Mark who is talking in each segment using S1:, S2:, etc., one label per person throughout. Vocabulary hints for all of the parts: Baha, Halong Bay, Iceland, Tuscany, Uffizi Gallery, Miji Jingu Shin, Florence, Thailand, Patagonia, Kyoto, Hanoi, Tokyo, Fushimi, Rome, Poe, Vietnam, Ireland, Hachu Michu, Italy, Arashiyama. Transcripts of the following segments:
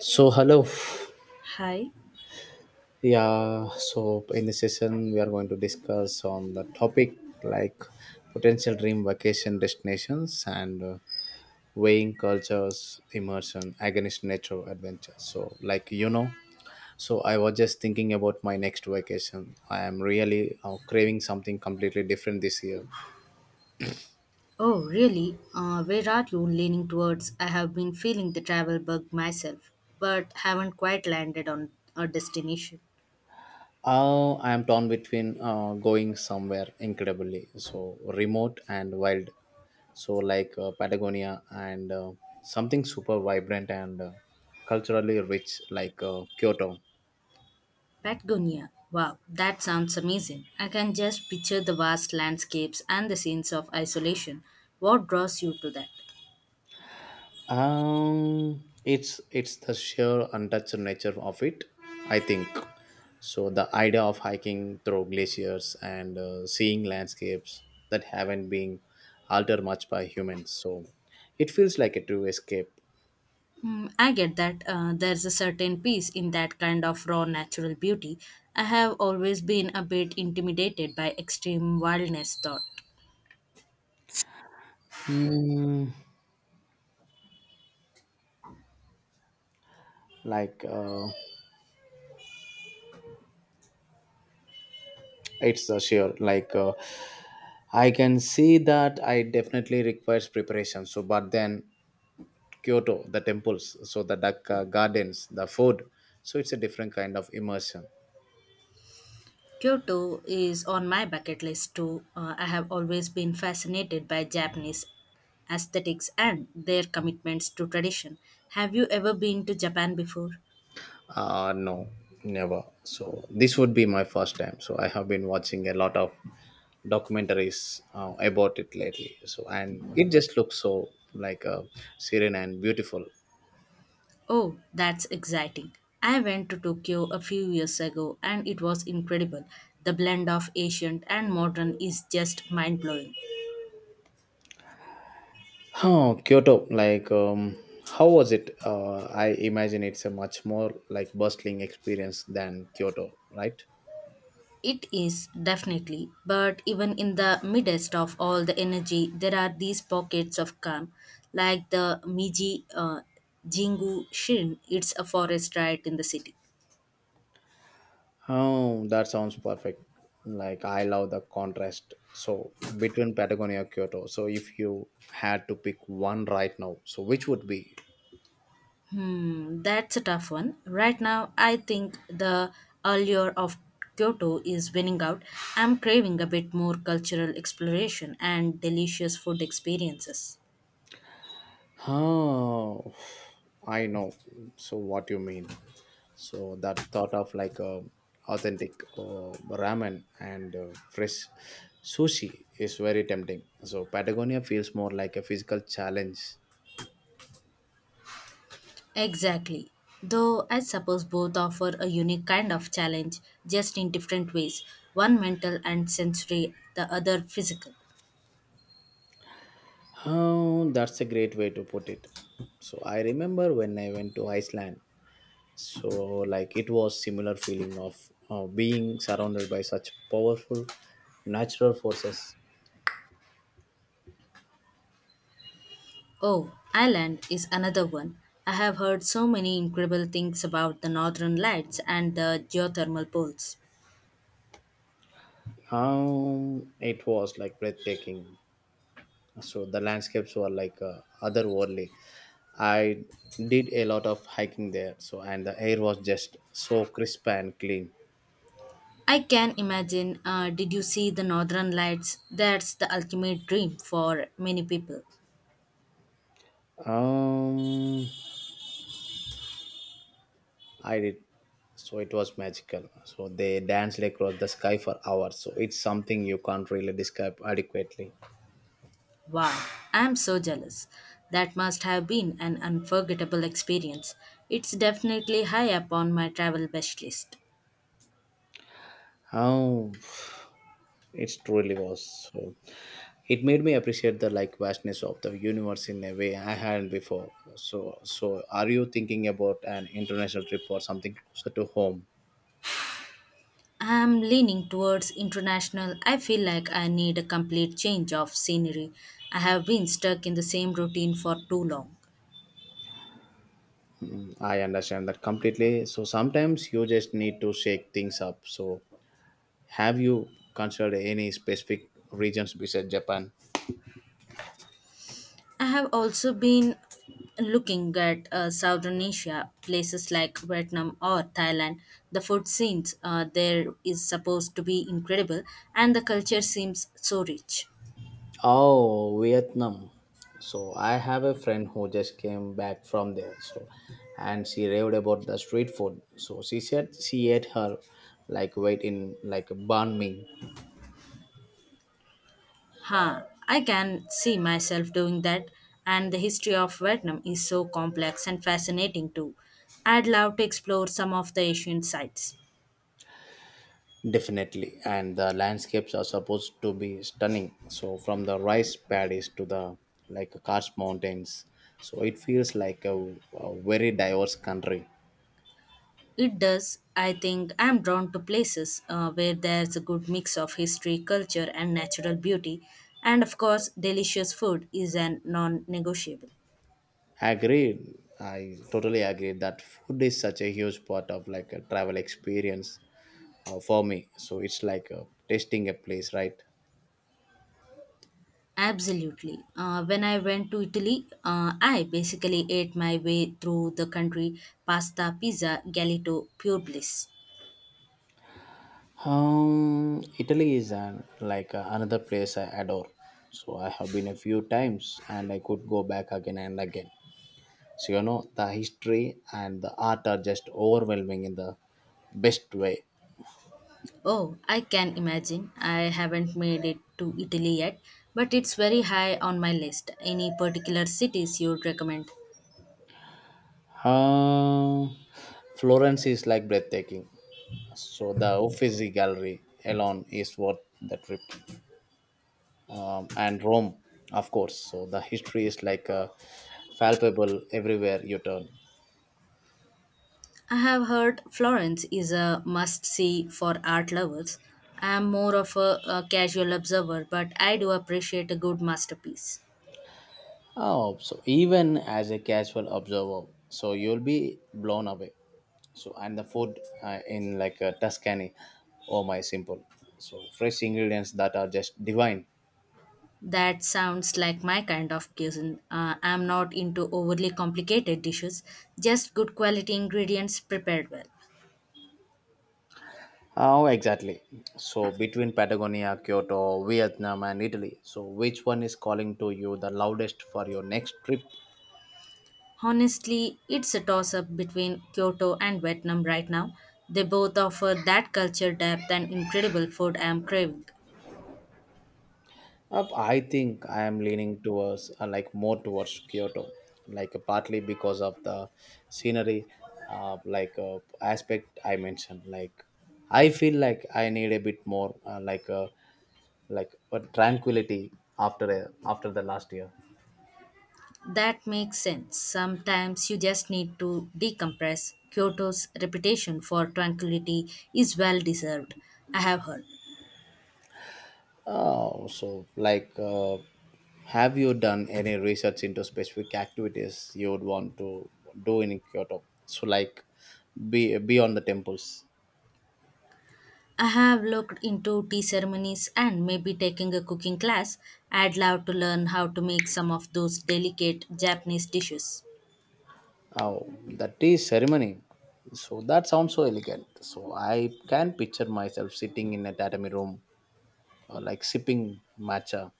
S1: So hello,
S2: Hi.
S1: yeah. So in this session, we are going to discuss on the topic like potential dream vacation destinations and weighing cultures, immersion against nature adventure. So so I was just thinking about my next vacation. I am really craving something completely different this year.
S2: Oh, really? Where are you leaning towards? I have been feeling the travel bug myself, but haven't quite landed on a destination.
S1: I am torn between going somewhere incredibly so remote and wild, so like Patagonia, and something super vibrant and culturally rich like Kyoto.
S2: Patagonia. Wow, that sounds amazing. I can just picture the vast landscapes and the scenes of isolation. What draws you to that?
S1: It's the sheer untouched nature of it, I think. So the idea of hiking through glaciers and seeing landscapes that haven't been altered much by humans, so it feels like a true escape.
S2: Mm, I get that. There's a certain peace in that kind of raw natural beauty. I have always been a bit intimidated by extreme wildness, thought.
S1: Hmm. Like it's a sure like I can see that I definitely requires preparation, so but then Kyoto, the temples, so the duck gardens, the food, so it's a different kind of immersion.
S2: Kyoto is on my bucket list too. I have always been fascinated by Japanese aesthetics and their commitments to tradition. Have you ever been to Japan before?
S1: No, never, so this would be my first time, so I have been watching a lot of documentaries about it lately, so and it just looks so like serene and beautiful.
S2: Oh, that's exciting. I went to Tokyo a few years ago and it was incredible. The blend of ancient and modern is just mind blowing.
S1: Oh, Kyoto, how was it? I imagine it's a much more like bustling experience than Kyoto, right?
S2: It is definitely, but even in the midst of all the energy, there are these pockets of calm, like the Miji Jingu Shin. It's a forest right in the city.
S1: Oh, that sounds perfect. Like, I love the contrast. So, between Patagonia and Kyoto. So, if you had to pick one right now, so which would be?
S2: Hmm, that's a tough one. Right now, I think the allure of Kyoto is winning out. I'm craving a bit more cultural exploration and delicious food experiences.
S1: Oh, I know. So, what you mean? So that thought of like a authentic ramen and fresh sushi is very tempting, so Patagonia feels more like a physical challenge.
S2: Exactly. Though I suppose both offer a unique kind of challenge, just in different ways. One mental and sensory, the other physical.
S1: Oh, that's a great way to put it. So I remember when I went to Iceland, so like it was similar feeling of being surrounded by such powerful natural forces.
S2: Oh, Ireland is another one. I have heard so many incredible things about the northern lights and the geothermal pools.
S1: How it was like breathtaking, so the landscapes were like otherworldly. I did a lot of hiking there, so and the air was just so crisp and clean.
S2: I can imagine. Did you see the northern lights? That's the ultimate dream for many people.
S1: um I did, so it was magical, so they danced across the sky for hours, so it's something you can't really describe adequately.
S2: Wow, I'm so jealous. That must have been an unforgettable experience. It's definitely high up on my travel wish list.
S1: How it truly was, so it made me appreciate the like vastness of the universe in a way I hadn't before. So so are you thinking about an international trip or something closer to home?
S2: I'm leaning towards international. I feel like I need a complete change of scenery. I have been stuck in the same routine for too long.
S1: I understand that completely, so sometimes you just need to shake things up, so have you considered any specific regions besides Japan?
S2: I have also been looking at southern asia places like vietnam or thailand. The food scenes there is supposed to be incredible, and the culture seems so rich.
S1: Oh, Vietnam. So I have a friend who just came back from there, so and she raved about the street food, so she said she ate her like weight in like banh mi.
S2: Huh, I can see myself doing that, and the history of Vietnam is so complex and fascinating too. I'd love to explore some of the Asian sites.
S1: Definitely, and the landscapes are supposed to be stunning. So from the rice paddies to the like Karst mountains, so it feels like a very diverse country.
S2: It does. I think I'm drawn to places where there's a good mix of history, culture, and natural beauty, and of course, delicious food is a non negotiable.
S1: Agreed. I totally agree that food is such a huge part of like a travel experience for me. So it's like tasting a place, right?
S2: Absolutely. When I went to Italy, I basically ate my way through the country pasta, pizza, galito, pure bliss.
S1: Italy is an, like another place I adore. So I have been a few times, and I could go back again and again. So you know the history and the art are just overwhelming in the best way.
S2: Oh, I can imagine. I haven't made it to Italy yet, but it's very high on my list. Any particular cities you'd recommend?
S1: Uh, Florence is like breathtaking. So the Uffizi Gallery alone is worth the trip. And Rome, of course. So the history is like palpable everywhere you turn.
S2: I have heard Florence is a must see for art lovers. I'm more of a casual observer, but I do appreciate a good masterpiece.
S1: Oh, so even as a casual observer, so you'll be blown away. So and the food in like Tuscany, oh my, simple, so fresh ingredients that are just divine.
S2: That sounds like my kind of cuisine. I'm not into overly complicated dishes, just good quality ingredients prepared well.
S1: Oh exactly, so between Patagonia, Kyoto, Vietnam and Italy, so which one is calling to you the loudest for your next trip?
S2: Honestly, it's a toss up between Kyoto and Vietnam right now. They both offer that culture depth and incredible food I am craving.
S1: Up, I think I am leaning towards like more towards Kyoto, like partly because of the scenery like aspect I mentioned, like I feel like I need a bit more like a tranquility after after the last year.
S2: That makes sense. Sometimes you just need to decompress. Kyoto's reputation for tranquility is well deserved, I have heard.
S1: Oh, so have you done any research into specific activities you would want to do in Kyoto? So like, be beyond the temples.
S2: I have looked into tea ceremonies and maybe taking a cooking class. I'd love to learn how to make some of those delicate Japanese dishes.
S1: Oh, the tea ceremony. So that sounds so elegant. So I can picture myself sitting in a tatami room, like sipping matcha.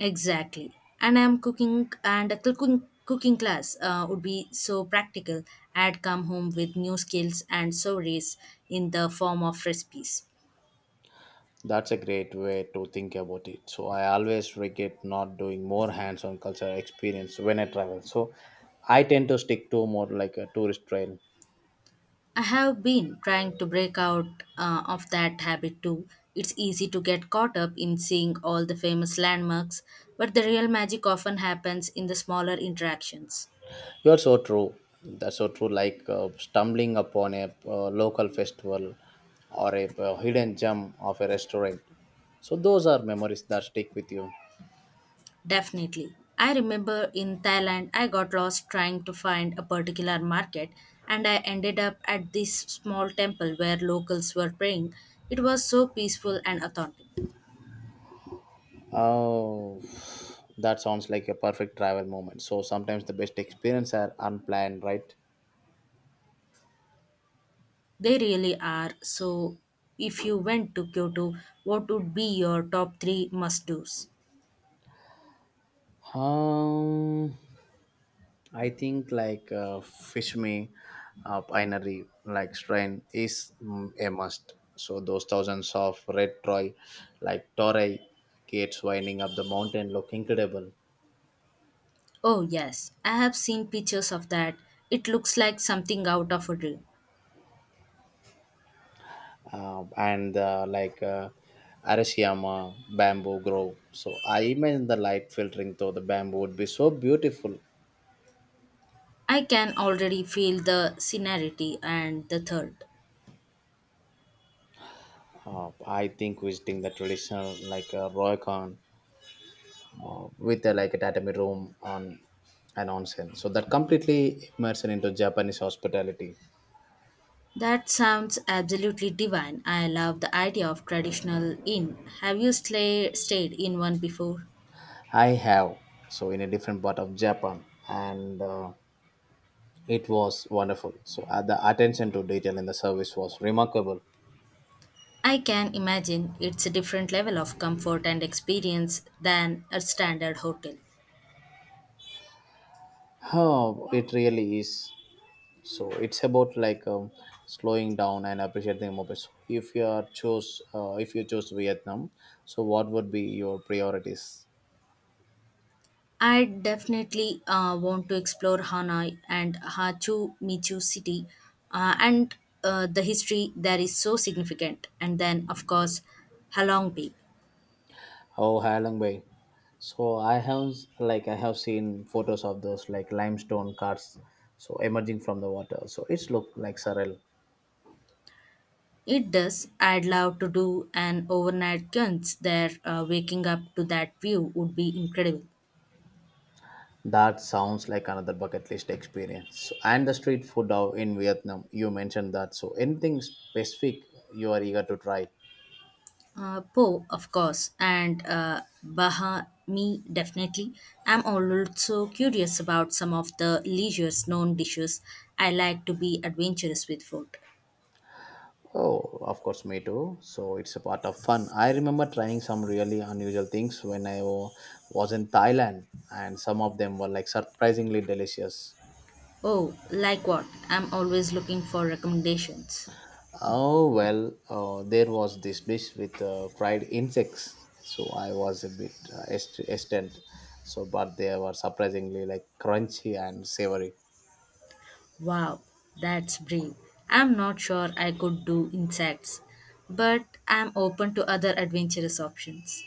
S2: Exactly. And I'm cooking, and a cooking class would be so practical. I'd come home with new skills and stories in the form of recipes.
S1: That's a great way to think about it. So I always regret not doing more hands-on cultural experience when I travel. So I tend to stick to more like a tourist trail.
S2: I have been trying to break out of that habit too. It's easy to get caught up in seeing all the famous landmarks, but the real magic often happens in the smaller interactions.
S1: You're so true. That's so true. Like stumbling upon a local festival or a hidden gem of a restaurant. So those are memories that stick with you.
S2: Definitely. I remember in Thailand, I got lost trying to find a particular market and I ended up at this small temple where locals were praying. It was so peaceful and authentic.
S1: Oh, that sounds like a perfect travel moment. So sometimes the best experience are unplanned, right?
S2: They really are. So, if you went to Kyoto, what would be your top three must do's?
S1: Um, I think like Fishme Pinery like strain is a must. So those thousands of red troy like toray gates winding up the mountain look incredible.
S2: Oh, yes, I have seen pictures of that. It looks like something out of a dream.
S1: And like Arashiyama bamboo grove. So I imagine the light filtering through the bamboo would be so beautiful.
S2: I can already feel the scenery and the third.
S1: I think visiting the traditional like Roycon with a, like a tatami room on an onsen. So that completely immersion into Japanese hospitality.
S2: That sounds absolutely divine. I love the idea of traditional inn. Have you stayed in one before?
S1: I have, so in a different part of Japan, and it was wonderful. So the attention to detail in the service was remarkable.
S2: I can imagine it's a different level of comfort and experience than a standard hotel.
S1: Oh, it really is. So it's about like slowing down and appreciating the moment. So if you are choose, if you choose Vietnam, so what would be your priorities?
S2: I definitely want to explore Hanoi and Hachu Michu city and the history there is so significant. And then, of course, Halong Bay.
S1: Oh, Halong Bay. So I have like I have seen photos of those like limestone cars so emerging from the water. So it's look like surreal.
S2: It does. I'd love to do an overnight cleanse there. Waking up to that view would be incredible.
S1: That sounds like another bucket list experience. So, and the street food out in Vietnam, you mentioned that. So anything specific you are eager to try?
S2: Poe, of course, and Baha, me definitely. I'm also curious about some of the leisure's known dishes. I like to be adventurous with food.
S1: Oh, of course, me too. So it's a part of fun. I remember trying some really unusual things when was in Thailand, and some of them were like surprisingly delicious.
S2: Oh, like what? I'm always looking for recommendations.
S1: Oh well, there was this dish with fried insects, so I was a bit extent. So, but they were surprisingly like crunchy and savory.
S2: Wow, that's brave. I'm not sure I could do insects, but I'm open to other adventurous options.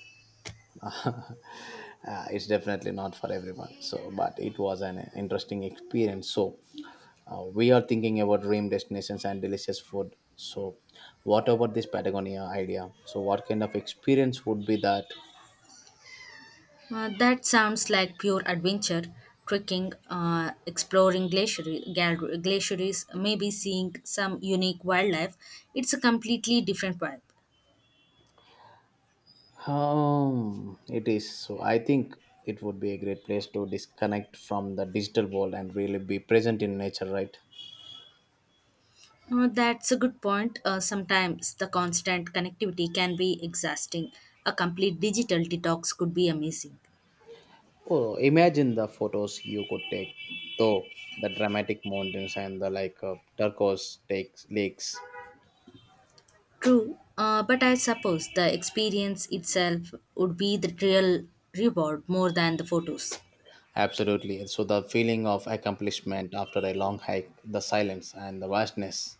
S1: It's definitely not for everyone. So, but it was an interesting experience. So, we are thinking about dream destinations and delicious food. So, what about this Patagonia idea? So, what kind of experience would be that?
S2: That sounds like pure adventure, trekking, exploring glacier, glaciers, maybe seeing some unique wildlife. It's a completely different vibe.
S1: It is. So I think it would be a great place to disconnect from the digital world and really be present in nature, right?
S2: That's a good point. Sometimes the constant connectivity can be exhausting. A complete digital detox could be amazing.
S1: Oh, imagine the photos you could take, though the dramatic mountains and the like turquoise takes lakes.
S2: True, but I suppose the experience itself would be the real reward more than the photos.
S1: Absolutely. And so the feeling of accomplishment after a long hike, the silence and the vastness.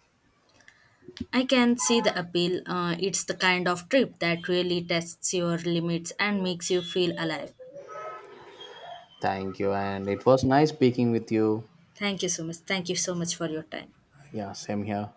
S2: I can see the appeal. It's the kind of trip that really tests your limits and makes you feel alive.
S1: Thank you, and it was nice speaking with you.
S2: Thank you so much. Thank you so much for your time.
S1: Yeah, same here.